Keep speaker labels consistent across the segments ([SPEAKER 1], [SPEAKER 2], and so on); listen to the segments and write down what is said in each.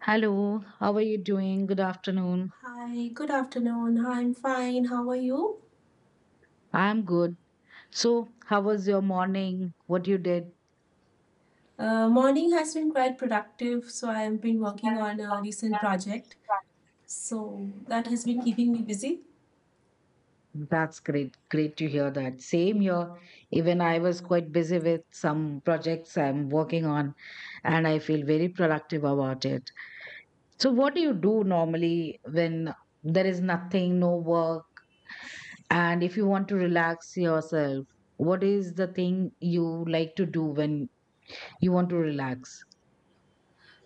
[SPEAKER 1] Hello, how are you doing? Good afternoon.
[SPEAKER 2] Hi, good afternoon. I'm fine. How are you?
[SPEAKER 1] I'm good. So, how was your morning? What you did?
[SPEAKER 2] Morning has been quite productive, so I've been working on a recent project. So that has been keeping me busy.
[SPEAKER 1] That's great. Great to hear that. Same here. Even I was quite busy with some projects I'm working on, and I feel very productive about it. So, what do you do normally when there is nothing, no work, and if you want to relax yourself? What is the thing you like to do when you want to relax?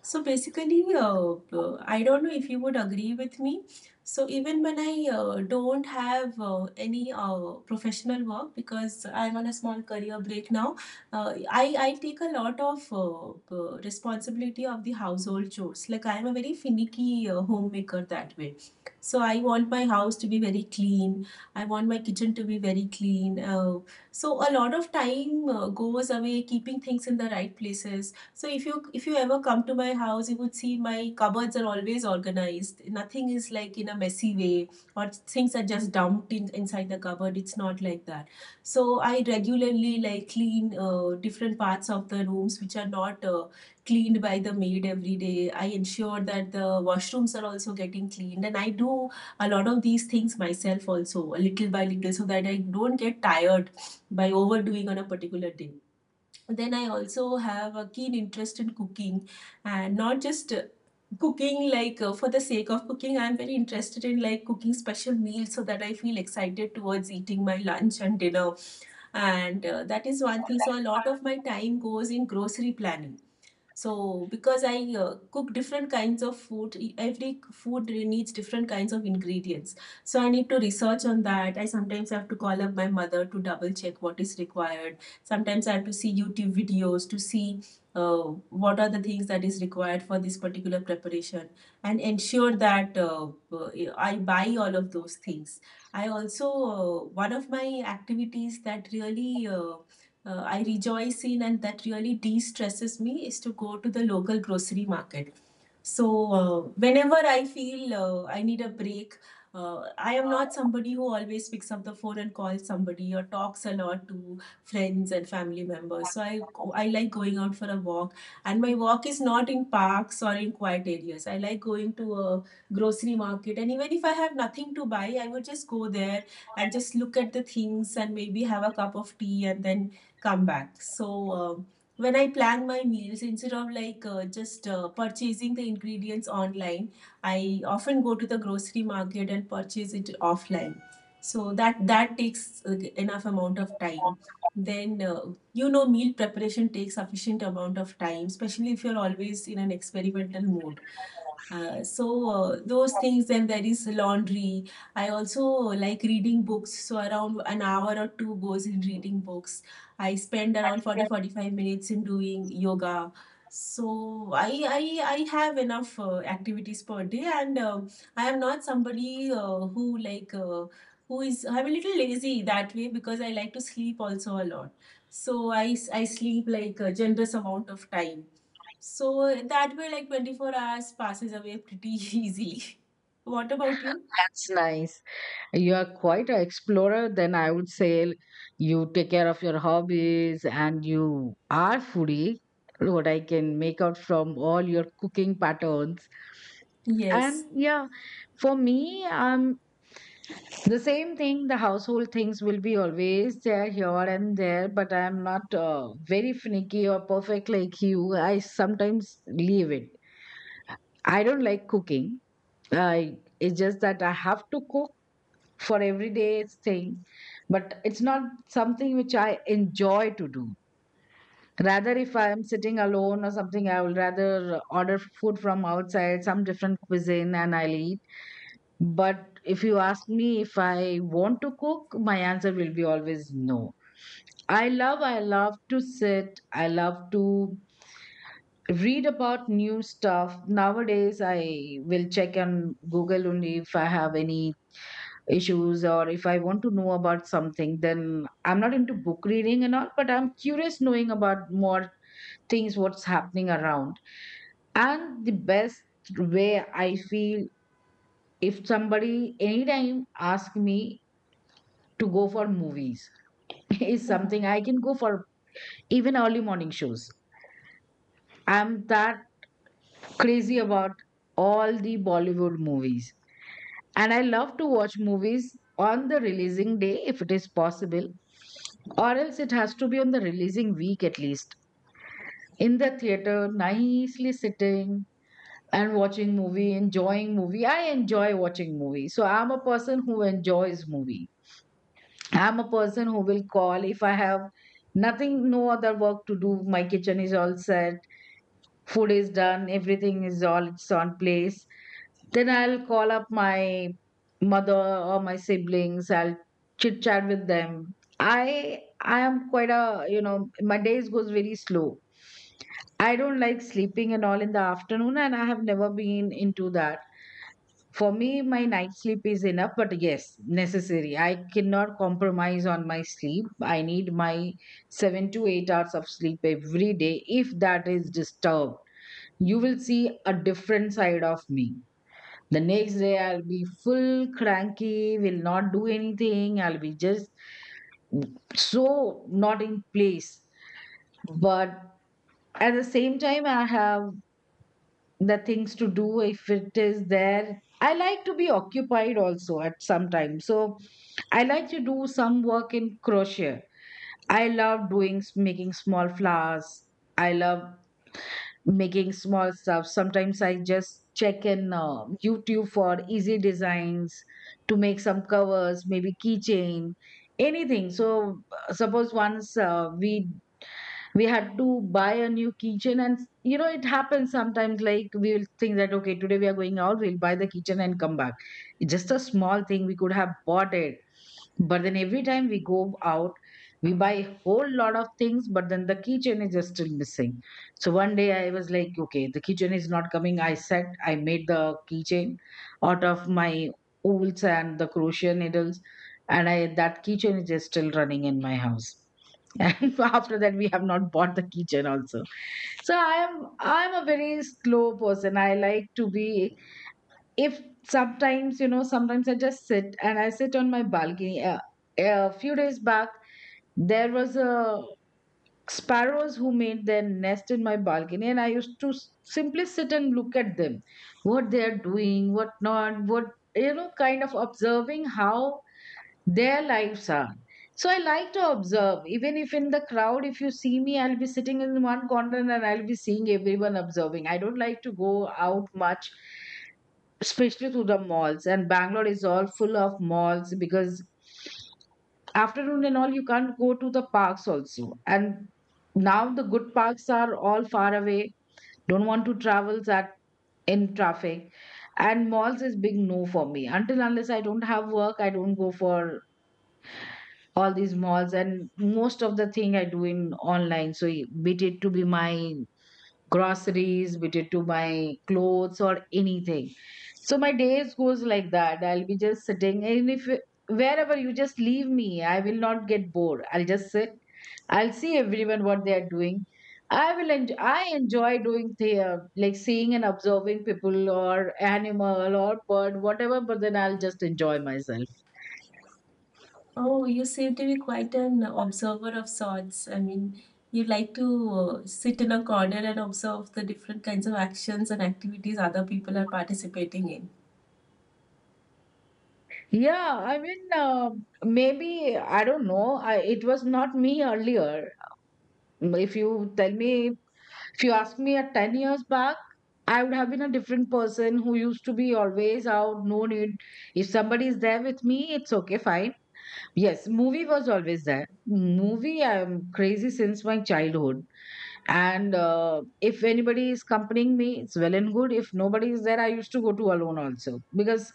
[SPEAKER 2] So basically, I don't know if you would agree with me. So even when I don't have any professional work because I'm on a small career break now, I take a lot of responsibility of the household chores. Like I'm a very finicky homemaker that way. So I want my house to be very clean. I want my kitchen to be very clean. So a lot of time goes away keeping things in the right places, so if you ever come to my house, you would see my cupboards are always organized. Nothing is like in a messy way or things are just inside the cupboard. It's not like that. So I regularly like clean different parts of the rooms which are not cleaned by the maid every day. I ensure that the washrooms are also getting cleaned, and I do a lot of these things myself also, little by little, so that I don't get tired by overdoing on a particular day. Then I also have a keen interest in cooking, and not just cooking like for the sake of cooking. I'm very interested in like cooking special meals so that I feel excited towards eating my lunch and dinner, and that is one thing. So a lot of my time goes in grocery planning, so, because I cook different kinds of food, every food needs different kinds of ingredients. So, I need to research on that. I sometimes have to call up my mother to double check what is required. Sometimes I have to see YouTube videos to see uh, what are the things that is required for this particular preparation, and ensure that I buy all of those things. One of my activities that really I rejoice in and that really de stresses me is to go to the local grocery market. So, whenever I feel I need a break, I am not somebody who always picks up the phone and calls somebody or talks a lot to friends and family members. So I like going out for a walk, and my walk is not in parks or in quiet areas. I like going to a grocery market, and even if I have nothing to buy, I would just go there and just look at the things and maybe have a cup of tea and then come back. Um when I plan my meals, instead of like just purchasing the ingredients online, I often go to the grocery market and purchase it offline. So that takes enough amount of time. Then meal preparation takes sufficient amount of time, especially if you're always in an experimental mode. Uh, so those things, then there is laundry. I also like reading books, so around an hour or two goes in reading books. I spend around 40-45 minutes in doing yoga. So I have enough activities per day, and I am not somebody who like who is I'm a little lazy that way because I like to sleep also a lot. So I sleep like a generous amount of time. So that way like 24 hours passes away pretty easily. What about you?
[SPEAKER 1] That's nice. You are quite an explorer, then I would say you take care of your hobbies and you are foodie, what I can make out from all your cooking patterns. And
[SPEAKER 2] Yes.
[SPEAKER 1] yeah, for me, the same thing, the household things will be always there here and there, but I'm not very finicky or perfect like you. I sometimes leave it. I don't like cooking. I it's just that I have to cook for everyday thing, but it's not something which I enjoy to do. Rather, if I am sitting alone or something, I will rather order food from outside, some different cuisine, and I'll eat. But if you ask me if I want to cook, my answer will be always no. I love to sit, I love to read about new stuff. Nowadays I will check on Google only if I have any issues or if I want to know about something. Then I'm not into book reading and all, but I'm curious knowing about more things, what's happening around. And the best way I feel, if somebody anytime ask me to go for movies, is something I can go for. Even early morning shows, I'm that crazy about all the Bollywood movies. And I love to watch movies on the releasing day if it is possible, or else it has to be on the releasing week at least. In the theater, nicely sitting and watching movie, enjoying movie. I enjoy watching movie. So I'm a person who enjoys movie. I'm a person who will call if I have nothing, no other work to do. My kitchen is all set, food is done, everything is all, it's on place. Then I'll call up my mother or my siblings. I'll chit chat with them. I am quite a. My days goes very slow. I don't like sleeping and all in the afternoon, and I have never been into that. For me, my night sleep is enough, but yes, necessary. I cannot compromise on my sleep. I need my 7 to 8 hours of sleep every day. If that is disturbed, you will see a different side of me. The next day, I'll be full cranky, will not do anything. I'll be just so not in place. But at the same time, I have the things to do if it is there. I like to be occupied also at some time. So I like to do some work in crochet. I love doing, making small flowers. I love making small stuff. Sometimes I just check in YouTube for easy designs to make some covers, maybe keychain, anything. So suppose once we had to buy a new keychain, and you know it happens sometimes, like we will think that okay, today we are going out, we'll buy the keychain and come back. It's just a small thing, we could have bought it. But then every time we go out, we buy a whole lot of things, but then the keychain is just still missing. So one day I was like, okay, the keychain is not coming. I said, I made the keychain out of my wools and the crochet needles. And I that keychain is just still running in my house. And after that, we have not bought the kitchen also. So I'm a very slow person. I like to be, if sometimes you know, sometimes I just sit, and I sit on my balcony a few days back. There was a sparrows who made their nest in my balcony, and I used to simply sit and look at them, what they are doing, what not, what kind of observing how their lives are. So I like to observe. Even if in the crowd, if you see me, I'll be sitting in one corner and I'll be seeing everyone, observing. I don't like to go out much, especially to the malls. And Bangalore is all full of malls. Because afternoon and all, you can't go to the parks also. And now the good parks are all far away. Don't want to travel that in traffic. And malls is big no for me. Until unless I don't have work, I don't go for all these malls. And most of the thing I do in online, so be it to be my groceries, be it to my clothes or anything. So my days goes like that. I'll be just sitting, and if wherever you just leave me, I will not get bored. I'll just sit, I'll see everyone what they are doing. I enjoy doing the, like seeing and observing people or animal or bird, whatever. But then I'll just enjoy myself.
[SPEAKER 2] Oh, you seem to be quite an observer of sorts. I mean, you like to sit in a corner and observe the different kinds of actions and activities other people are participating in.
[SPEAKER 1] Yeah, I mean, maybe, I don't know. It was not me earlier. If you ask me at 10 years back, I would have been a different person who used to be always out, no need. If somebody is there with me, it's okay, fine. Yes, movie was always there. Movie, I'm crazy since my childhood. And if anybody is accompanying me, it's well and good. If nobody is there, I used to go to alone also. Because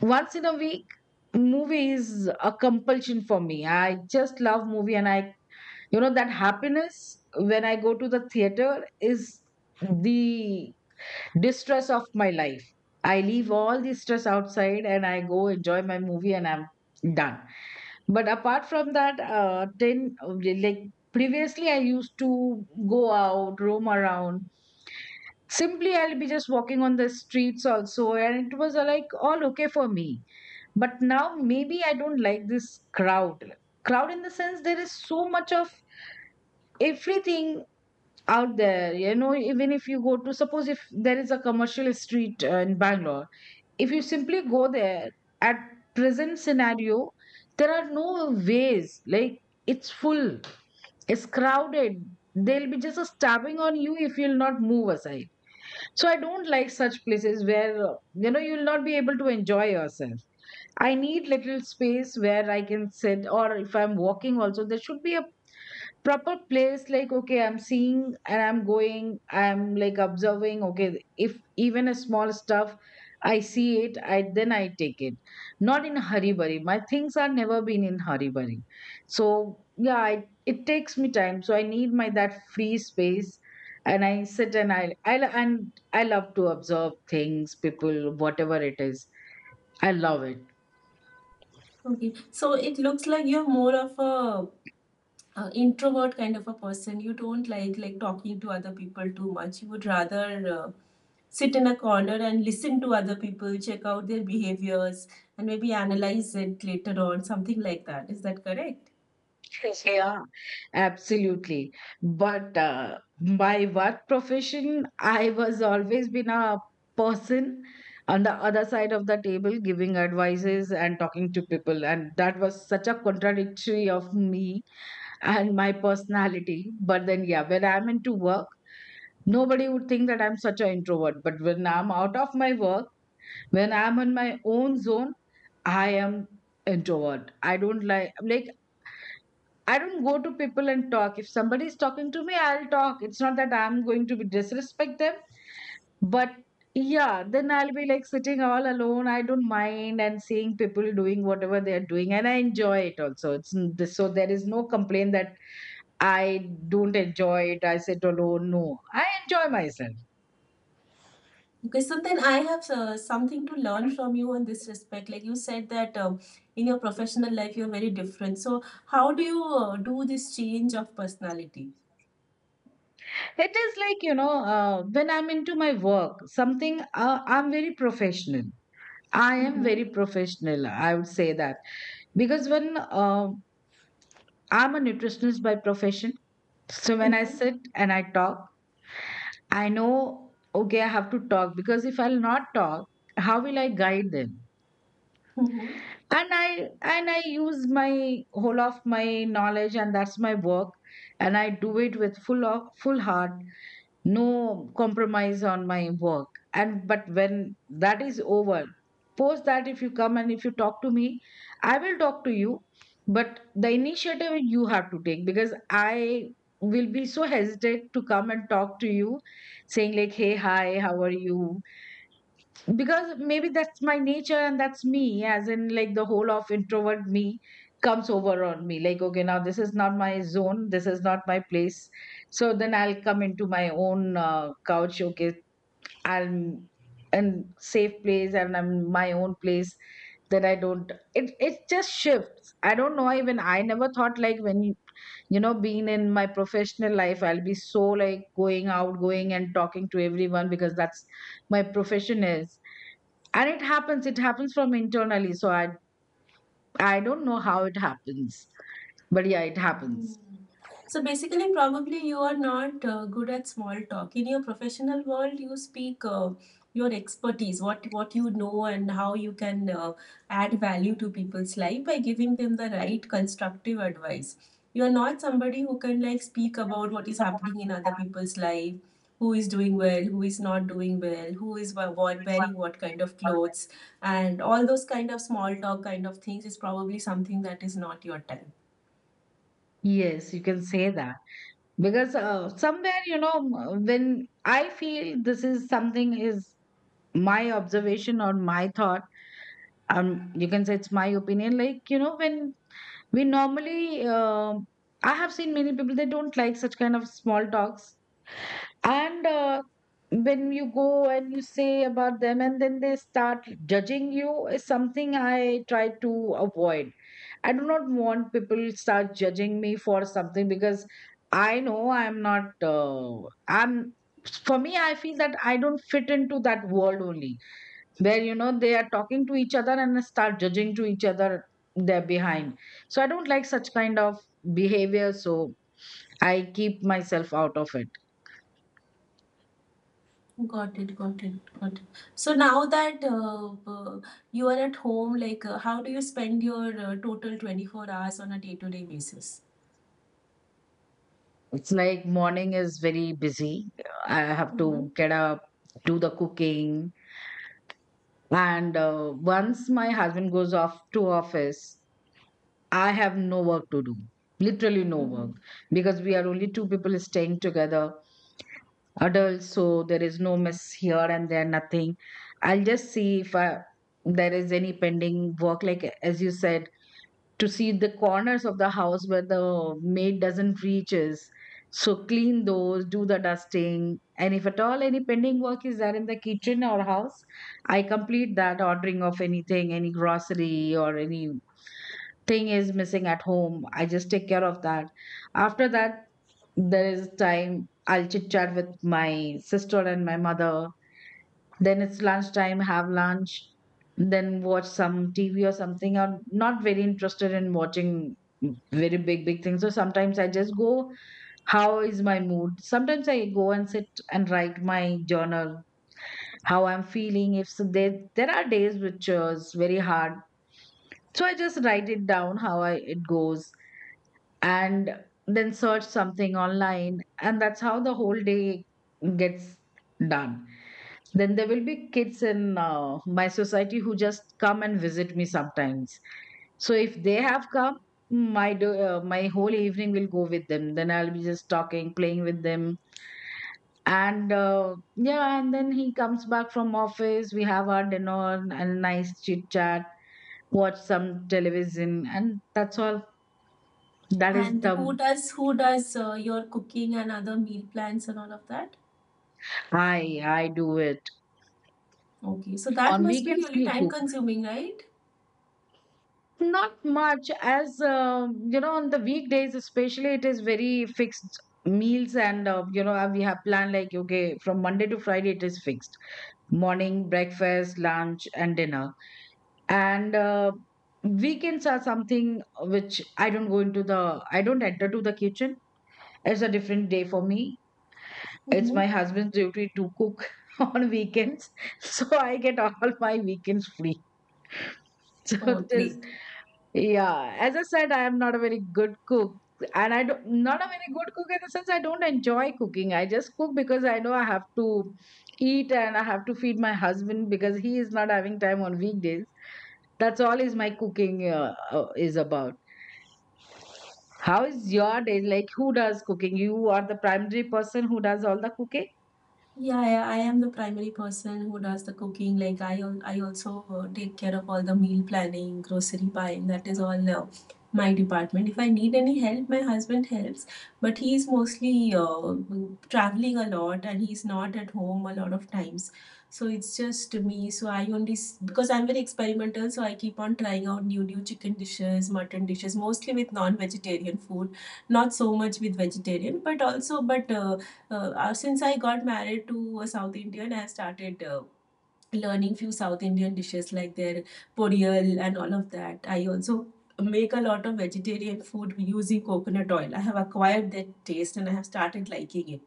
[SPEAKER 1] once in a week, movie is a compulsion for me. I just love movie. And I, you know that happiness when I go to the theater is the distress of my life. I leave all the stress outside and I go enjoy my movie, and I'm done. But apart from that, then like previously I used to go out, roam around. Simply, I'll be just walking on the streets also, and it was like all okay for me. But now maybe I don't like this crowd crowd in the sense, there is so much of everything out there. Even if you go to, suppose if there is a commercial street in Bangalore, if you simply go there at present scenario, there are no ways, like it's full, it's crowded. They'll be just a stabbing on you if you'll not move aside. So I don't like such places where you'll not be able to enjoy yourself. I need little space where I can sit, or if I'm walking, also there should be a proper place. Like, okay, I'm seeing and I'm going, I'm like observing. Okay, if even a small stuff, I see it, I then I take it. Not in a hurry burry. My things are never been in hurry burry. So yeah, it takes me time. So I need my that free space, and I sit, and I love to observe things, people, whatever it is. I love it.
[SPEAKER 2] Okay, so it looks like you're more of a, introvert kind of a person. You don't like talking to other people too much. You would rather uh, sit in a corner and listen to other people, check out their behaviors, and maybe analyze it later on, something like that. Is that correct?
[SPEAKER 1] Yeah, absolutely. But my work profession, I was always been a person on the other side of the table giving advices and talking to people. And that was such a contradictory of me and my personality. But then, yeah, when I'm into work, nobody would think that I'm such an introvert. But when I'm out of my work, when I'm in my own zone, I am introvert. I don't like I don't go to people and talk. If somebody is talking to me, I'll talk. It's not that I'm going to be disrespect them, but yeah, then I'll be like sitting all alone. I don't mind, and seeing people doing whatever they are doing, and I enjoy it also. It's so there is no complaint that I don't enjoy it. I sit alone. No, I enjoy myself.
[SPEAKER 2] Okay, so then I have something to learn from you on this respect. Like you said that in your professional life, you're very different. So how do you do this change of personality?
[SPEAKER 1] It is like when I'm into my work, something, I'm very professional. I am
[SPEAKER 2] Mm-hmm.
[SPEAKER 1] very professional. I would say that because when I'm a nutritionist by profession. So when I
[SPEAKER 2] Mm-hmm.
[SPEAKER 1] sit and I talk, I know, okay, I have to talk, because if I'll not talk, how will I guide them?
[SPEAKER 2] Mm-hmm.
[SPEAKER 1] And I use my whole of my knowledge, and that's my work, and I do it with full of full heart. No compromise on my work. And but when that is over, post that, if you come and if you talk to me, I will talk to you, but the initiative you have to take, because I will be so hesitant to come and talk to you, saying like, hey, hi, how are you? Because maybe that's my nature, and that's me, as in like the whole of introvert me comes over on me like, okay, now this is not my zone, this is not my place. So then I'll come into my own couch. Okay, I'm in safe place and I'm in my own place. That I don't, it just shifts. I don't know, even I never thought like when you know being in my professional life, I'll be so like going out, going and talking to everyone, because that's my profession is. And it happens from internally, so I don't know how it happens, but yeah, it
[SPEAKER 2] Hmm.
[SPEAKER 1] happens.
[SPEAKER 2] So basically, probably you are not good at small talk. In your professional world, you speak your expertise, what you know, and how you can add value to people's life by giving them the right constructive advice. You are not somebody who can like speak about what is happening in other people's life, who is doing well, who is not doing well, what wearing what kind of clothes, and all those kind of small talk kind of things is probably something that is not your type.
[SPEAKER 1] Yes, you can say that because somewhere, you know, m- when I feel this is something is my observation or my thought, you can say it's my opinion. Like, you know, when we normally, I have seen many people, they don't like such kind of small talks. And when you go and you say about them, and then they start judging you, is something I try to avoid. I do not want people start judging me for something because I know I'm not. I'm for me. I feel that I don't fit into that world only, where you know they are talking to each other and start judging to each other there behind. So I don't like such kind of behavior. So I keep myself out of it.
[SPEAKER 2] Got it, got it, got it. So now that you are at home, like how do you spend your total 24 hours on a day-to-day basis?
[SPEAKER 1] It's like morning is very busy. I have
[SPEAKER 2] Mm-hmm.
[SPEAKER 1] to get up, do the cooking, and once my husband goes off to office, I have no work to do. Literally no
[SPEAKER 2] Mm-hmm.
[SPEAKER 1] work, because we are only two people staying together, adults. So there is no mess here and there, nothing. I'll just see if I, there is any pending work. Like as you said, to see the corners of the house where the maid doesn't reaches, so clean those, do the dusting, and if at all any pending work is there in the kitchen or house, I complete that. Ordering of anything, any grocery or anything is missing at home, I just take care of that. After that, there is time I'll chit chat with my sister and my mother. Then it's lunchtime, have lunch, then watch some TV or something. I'm not very interested in watching very big, big things. So sometimes I just go, how is my mood? Sometimes I go and sit and write my journal, how I'm feeling. If so there are days which is very hard. So I just write it down, how I, it goes. And then search something online, and that's how the whole day gets done. Then there will be kids in my society who just come and visit me sometimes. So if they have come, my my whole evening will go with them. Then I'll be just talking, playing with them, and yeah. And then he comes back from office. We have our dinner and nice chit chat, watch some television, and that's all. That is
[SPEAKER 2] And who
[SPEAKER 1] the
[SPEAKER 2] does who does your cooking and other meal plans and all of that?
[SPEAKER 1] I do it
[SPEAKER 2] Okay, so that
[SPEAKER 1] on
[SPEAKER 2] must be
[SPEAKER 1] weekends.
[SPEAKER 2] really
[SPEAKER 1] He,
[SPEAKER 2] time consuming, right?
[SPEAKER 1] not much, as you know, on the weekdays especially, it is very fixed meals, and you know, we have planned like, okay, from Monday to Friday, it is fixed morning, breakfast, lunch, and dinner. And weekends are something which I don't go into the, I don't enter to the kitchen. It's a different day for me. It's
[SPEAKER 2] Mm-hmm.
[SPEAKER 1] my husband's duty to cook on weekends, so I get all my weekends free. So
[SPEAKER 2] Oh,
[SPEAKER 1] it is.
[SPEAKER 2] great.
[SPEAKER 1] Yeah, as I said, I am not a very good cook, and I don't not a very good cook in the sense I don't enjoy cooking. I just cook because I know I have to eat and I have to feed my husband because he is not having time on weekdays. That's all is my cooking is about. How is your day? Like, who does cooking? You are the primary person who does all the cooking.
[SPEAKER 2] Yeah, I am the primary person who does the cooking. Like I also take care of all the meal planning, grocery buying. That is all my department. If I need any help, my husband helps. But he's mostly traveling a lot, and he's not at home a lot of times. So it's just me. So I only because I'm very experimental. So I keep on trying out new chicken dishes, mutton dishes, mostly with non-vegetarian food. Not so much with vegetarian, but since I got married to a South Indian, I started learning few South Indian dishes like their podiyal and all of that. I also make a lot of vegetarian food using coconut oil. I have acquired that taste and I have started liking it.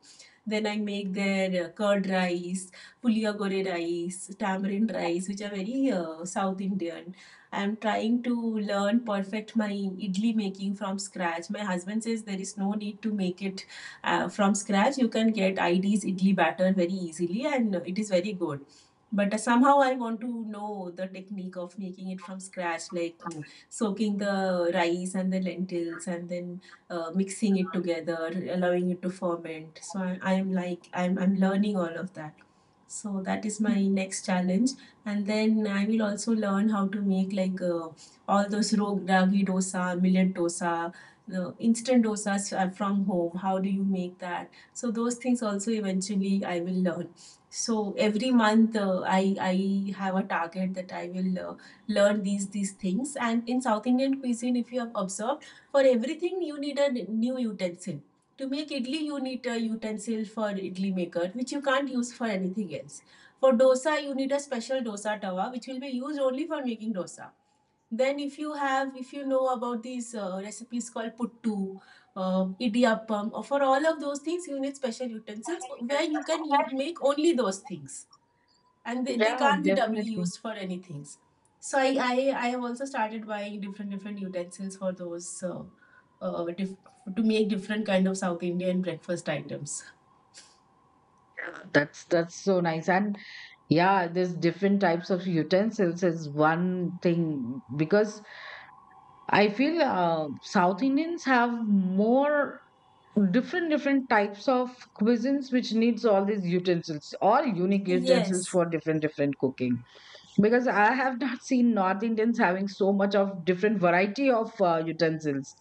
[SPEAKER 2] Then I make their curd rice, puliya gore rice, tamarind rice, which are very South Indian. I'm trying to learn perfect my idli making from scratch. My husband says there is no need to make it from scratch. You can get ID's idli batter very easily, and it is very good. But somehow I want to know the technique of making it from scratch, like soaking the rice and the lentils and then mixing it together, allowing it to ferment. So I, I'm like I'm learning all of that. So that is my next challenge, and then I will also learn how to make like all those rog ragi dosa, millet dosa, the instant dosas are from home. How do you make that? So those things also eventually I will learn. So every month I have a target that I will learn these things. And in South Indian cuisine, if you have observed, for everything, you need a new utensil. To make idli, you need a utensil for idli maker, which you can't use for anything else. For dosa, you need a special dosa tawa, which will be used only for making dosa. Then, if you know about these recipes called puttu, idiyappam, or for all of those things, you need special utensils where you make only those things, and they
[SPEAKER 1] Yeah,
[SPEAKER 2] can't be doubly
[SPEAKER 1] definitely.
[SPEAKER 2] used for any things. So I have also started buying different utensils for those uh, dif- to make different kind of South Indian breakfast items.
[SPEAKER 1] That's so nice. And yeah, there's different types of utensils is one thing, because I feel South Indians have more different different types of cuisines which needs all these utensils, all unique utensils
[SPEAKER 2] Yes.
[SPEAKER 1] for different different cooking. Because I have not seen North Indians having so much of different variety of utensils.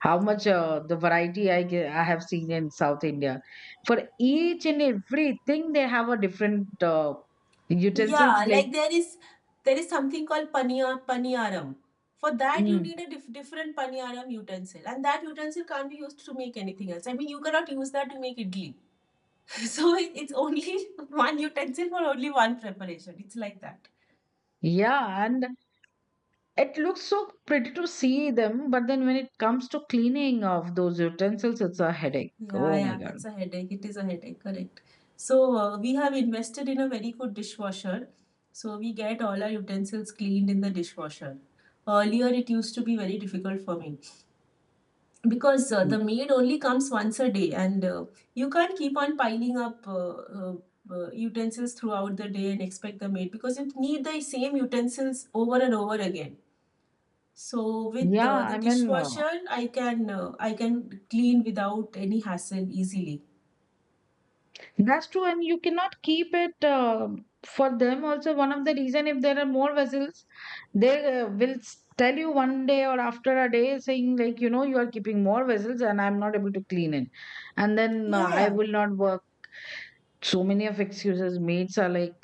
[SPEAKER 1] How much the variety I I have seen in South India. For each and everything, they have a different utensils
[SPEAKER 2] Yeah,
[SPEAKER 1] like
[SPEAKER 2] like there is something called paniyaram. For that you
[SPEAKER 1] mm.
[SPEAKER 2] need a different paniyaram utensil and that utensil can't be used to make anything else. I mean you cannot use that to make idli. So it's only one utensil for only one preparation. It's like that.
[SPEAKER 1] Yeah, and it looks so pretty to see them, but then when it comes to cleaning of those utensils, it's a headache.
[SPEAKER 2] Yeah,
[SPEAKER 1] Oh my
[SPEAKER 2] yeah,
[SPEAKER 1] God.
[SPEAKER 2] it's a headache. It is a headache, correct. So, we have invested in a very good dishwasher. So, we get all our utensils cleaned in the dishwasher. Earlier, it used to be very difficult for me because
[SPEAKER 1] Mm.
[SPEAKER 2] the maid only comes once a day, and you can't keep on piling up utensils throughout the day and expect the maid because you need the same utensils over and over again. So, with
[SPEAKER 1] Yeah,
[SPEAKER 2] the
[SPEAKER 1] I mean,
[SPEAKER 2] dishwasher, I can clean without any hassle easily.
[SPEAKER 1] that's true, and you cannot keep it for them also. One of the reason, if there are more vessels, they will tell you one day or after a day, saying like, you know, you are keeping more vessels and I'm not able to clean it. And then
[SPEAKER 2] Yeah,
[SPEAKER 1] I
[SPEAKER 2] yeah.
[SPEAKER 1] will not work. So many of excuses mates are like,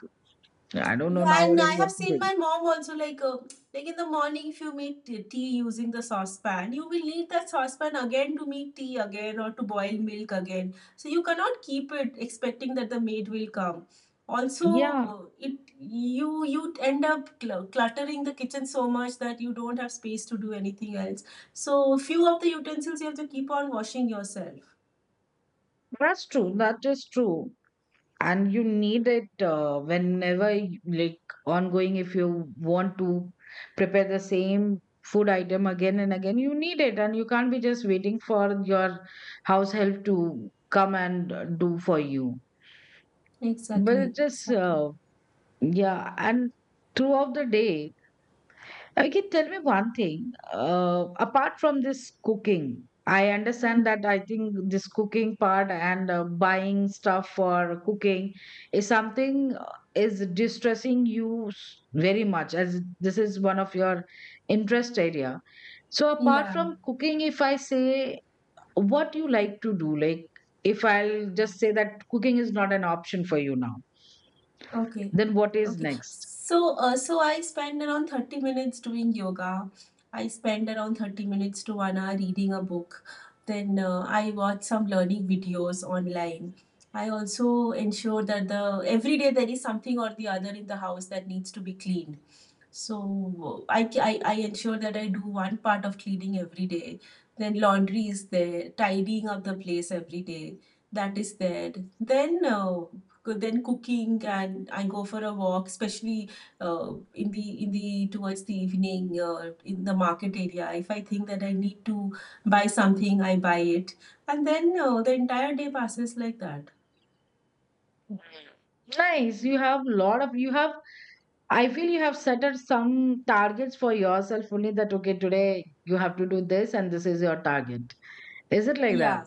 [SPEAKER 1] I don't know
[SPEAKER 2] Yeah, and
[SPEAKER 1] nowadays
[SPEAKER 2] I
[SPEAKER 1] what
[SPEAKER 2] have
[SPEAKER 1] to
[SPEAKER 2] seen
[SPEAKER 1] do.
[SPEAKER 2] my mom also like in the morning if you make tea using the saucepan, you will need that saucepan again to make tea again or to boil milk again. So you cannot keep it expecting that the maid will come.
[SPEAKER 1] Yeah,
[SPEAKER 2] Also, it you you end up cluttering the kitchen so much that you don't have space to do anything else. So few of the utensils you have to keep on washing yourself.
[SPEAKER 1] that's true. That is true. And you need it whenever, like, ongoing, if you want to prepare the same food item again and again, you need it. And you can't be just waiting for your house help to come and do for you. But
[SPEAKER 2] Exactly,
[SPEAKER 1] it just,
[SPEAKER 2] exactly.
[SPEAKER 1] yeah. And throughout the day, I can tell me one thing. Apart from this cooking, I
[SPEAKER 2] Hmm.
[SPEAKER 1] understand that I think this cooking part and buying stuff for cooking is something is distressing you very much, as this is one of your interest area. So apart
[SPEAKER 2] Yeah.
[SPEAKER 1] from cooking, if I say what you like to do, like if I'll just say that cooking is not an option for you now,
[SPEAKER 2] Okay.
[SPEAKER 1] then what is
[SPEAKER 2] Okay.
[SPEAKER 1] next?
[SPEAKER 2] So I spend around 30 minutes doing yoga. I spend around 30 minutes to 1 hour reading a book. Then I watch some learning videos online. I also ensure that the every day there is something or the other in the house that needs to be cleaned. So I ensure that I do one part of cleaning every day. Then laundry is there, tidying up the place every day. That is there. Then uh, then cooking and I go for a walk, especially in the towards the evening in the market area. If I think that I need to buy something, I buy it, and then the entire day passes like that.
[SPEAKER 1] Nice. You have lot of you have, I feel you have set out some targets for yourself only that, okay, today you have to do this and this is your target. Is it like that?
[SPEAKER 2] Yeah.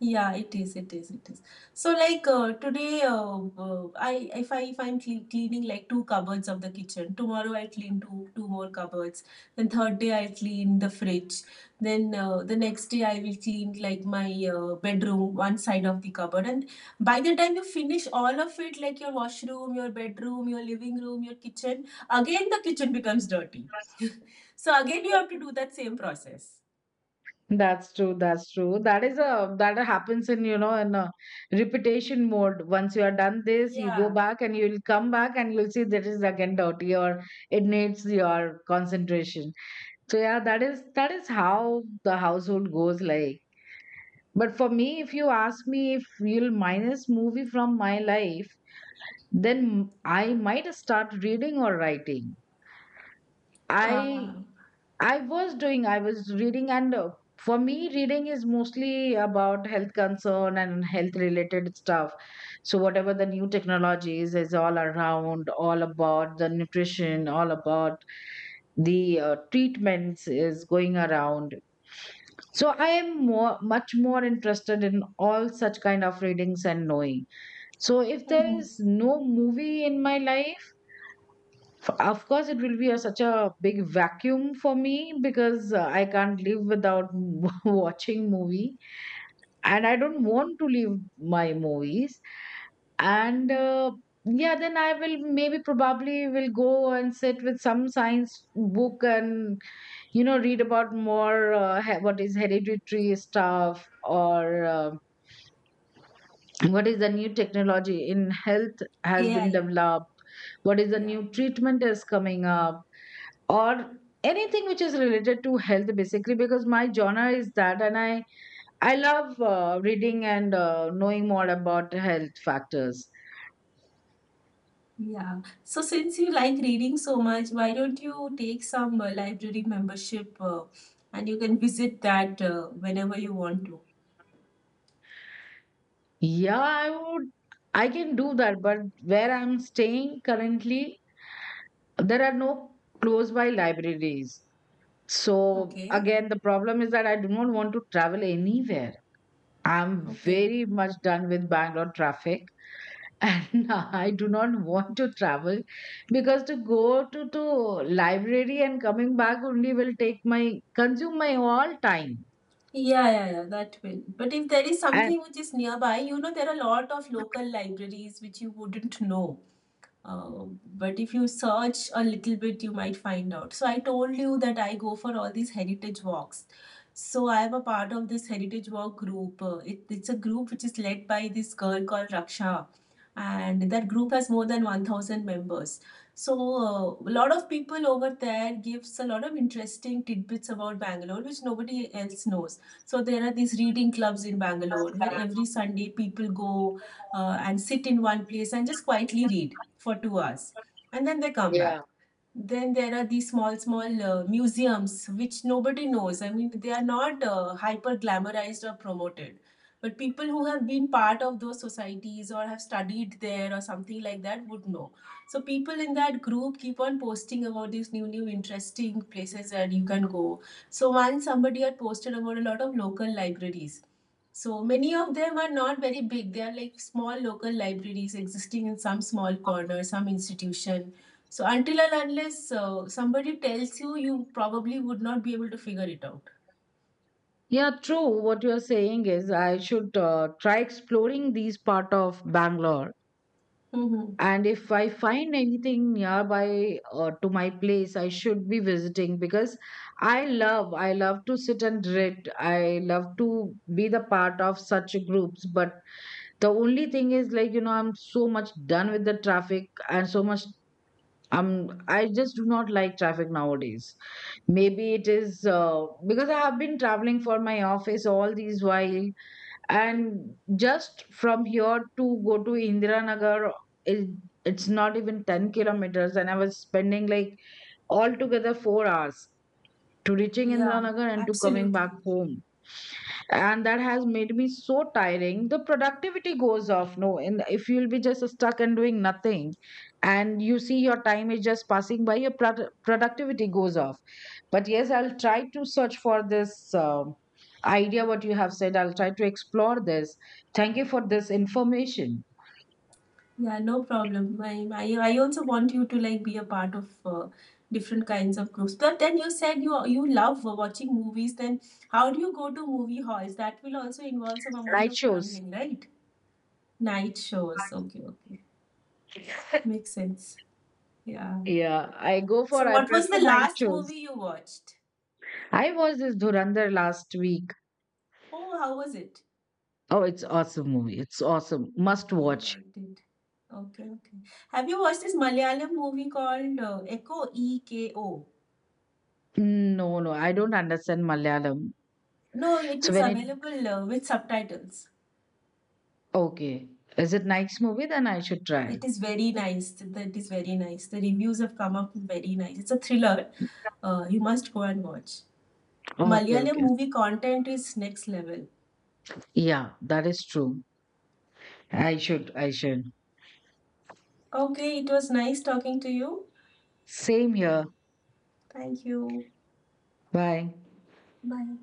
[SPEAKER 2] Yeah, it is, it is, it is. So I if I'm cleaning like two cupboards of the kitchen. Tomorrow I clean two more cupboards. Then third day I clean the fridge. Then the next day I will clean like my bedroom, one side of the cupboard. And by the time you finish all of it, like your washroom, your bedroom, your living room, your kitchen, again the kitchen becomes dirty. So again you have to do that same process.
[SPEAKER 1] That's true. That's true. That is a, that happens in, you know, in a repetition mode. Once you are done this, you go
[SPEAKER 2] Yeah.
[SPEAKER 1] back and you'll come back and you'll see that is again dirty, or it needs your concentration. So yeah, that is how the household goes like. But for me, if you ask me, if you'll minus movie from my life, then I might start reading or writing.
[SPEAKER 2] Uh,
[SPEAKER 1] I I was doing, I was reading, and for me, reading is mostly about health concern and health related stuff. So, whatever the new technologies is all around, all about the nutrition, all about the treatments is going around. So, I am more, much more interested in all such kind of readings and knowing. So, if there is no movie in my life, of course it will be a, such a big vacuum for me, because I can't live without watching movie, and I don't want to leave my movies, and yeah, then I will maybe probably will go and sit with some science book and, you know, read about more what is hereditary stuff, or what is the new technology in health has been
[SPEAKER 2] AI.
[SPEAKER 1] developed, what is the
[SPEAKER 2] Yeah.
[SPEAKER 1] new treatment is coming up, or anything which is related to health basically, because my genre is that, and I love reading and knowing more about health factors.
[SPEAKER 2] Yeah. So since you like reading so much, why don't you take some library membership and you can visit that whenever you want to.
[SPEAKER 1] Yeah, I would, I can do that, but where I'm staying currently, there are no close by libraries. So
[SPEAKER 2] Okay.
[SPEAKER 1] again, the problem is that I do not want to travel anywhere. I'm
[SPEAKER 2] Okay.
[SPEAKER 1] very much done with Bangalore traffic, and I do not want to travel, because to go to library and coming back only will take my consume my all time.
[SPEAKER 2] Yeah, yeah, yeah, that will. But if there is
[SPEAKER 1] And
[SPEAKER 2] something which is nearby, you know, there are a lot of local libraries which you wouldn't know. Uh, but if you search a little bit, you might find out. So I told you that I go for all these heritage walks. So I am a part of this heritage walk group. It's a group which is led by this girl called Raksha, and that group has more than 1,000 members. So a lot of people over there gives a lot of interesting tidbits about Bangalore, which nobody else knows. So there are these reading clubs in Bangalore where every Sunday people go and sit in one place and just quietly read for 2 hours and then they come
[SPEAKER 1] yeah,
[SPEAKER 2] back. Then there are these small, small museums which nobody knows. I mean, they are not hyper glamorized or promoted. But people who have been part of those societies or have studied there or something like that would know. So people in that group keep on posting about these new, new interesting places that you can go. So once somebody had posted about a lot of local libraries. So many of them are not very big. They are like small local libraries existing in some small corner, some institution, so until and unless somebody tells you, you probably would not be able to figure it out.
[SPEAKER 1] yeah, true. What you are saying is I should try exploring these part of Bangalore.
[SPEAKER 2] Mm-hmm.
[SPEAKER 1] And if I find anything nearby to my place, I should be visiting, because I love to sit and read. I love to be the part of such groups, but the only thing is like, you know, I'm so much done with the traffic and so much I'm. I just do not like traffic nowadays. Maybe it is because I have been traveling for my office all these while, and just from here to go to Indiranagar, it, it's not even 10 kilometers, and I was spending like altogether 4 hours to reaching
[SPEAKER 2] Yeah,
[SPEAKER 1] Indiranagar and to coming back
[SPEAKER 2] absolutely.
[SPEAKER 1] home. And that has made me so tiring, the productivity goes off, no, and if you'll be just stuck and doing nothing, and you see your time is just passing by, your productivity goes off. But yes, I'll try to search for this idea what you have said. I'll try to explore this. Thank you for this information.
[SPEAKER 2] Yeah, no problem. I also want you to like be a part of different kinds of groups. But then you said you love watching movies. Then how do you go to movie halls? That will also involve some amount
[SPEAKER 1] Night
[SPEAKER 2] of
[SPEAKER 1] shows,
[SPEAKER 2] traveling, right? Night shows. Okay, okay, makes sense. Yeah.
[SPEAKER 1] yeah, I go for,
[SPEAKER 2] So
[SPEAKER 1] I
[SPEAKER 2] what was
[SPEAKER 1] prefer
[SPEAKER 2] the
[SPEAKER 1] night
[SPEAKER 2] last
[SPEAKER 1] shows.
[SPEAKER 2] movie you watched?
[SPEAKER 1] I watched this Dhurandhar last week.
[SPEAKER 2] Oh, how was it?
[SPEAKER 1] Oh, it's awesome movie, it's awesome, must
[SPEAKER 2] Oh, you
[SPEAKER 1] watch.
[SPEAKER 2] liked it. Okay, okay. Have you watched this Malayalam movie called Echo EKO?
[SPEAKER 1] Mm, no, no, I don't understand Malayalam.
[SPEAKER 2] No, it
[SPEAKER 1] So
[SPEAKER 2] is
[SPEAKER 1] when it,
[SPEAKER 2] available with subtitles.
[SPEAKER 1] okay, is it nice movie? Then I should try.
[SPEAKER 2] It is very nice. That is very nice. The reviews have come up very nice. It's a thriller. You must go and watch.
[SPEAKER 1] Okay,
[SPEAKER 2] Malayalam
[SPEAKER 1] okay.
[SPEAKER 2] movie content is next level.
[SPEAKER 1] Yeah, that is true. I should, I should.
[SPEAKER 2] Okay, it was nice talking to you.
[SPEAKER 1] Same here.
[SPEAKER 2] Thank you.
[SPEAKER 1] Bye.
[SPEAKER 2] Bye.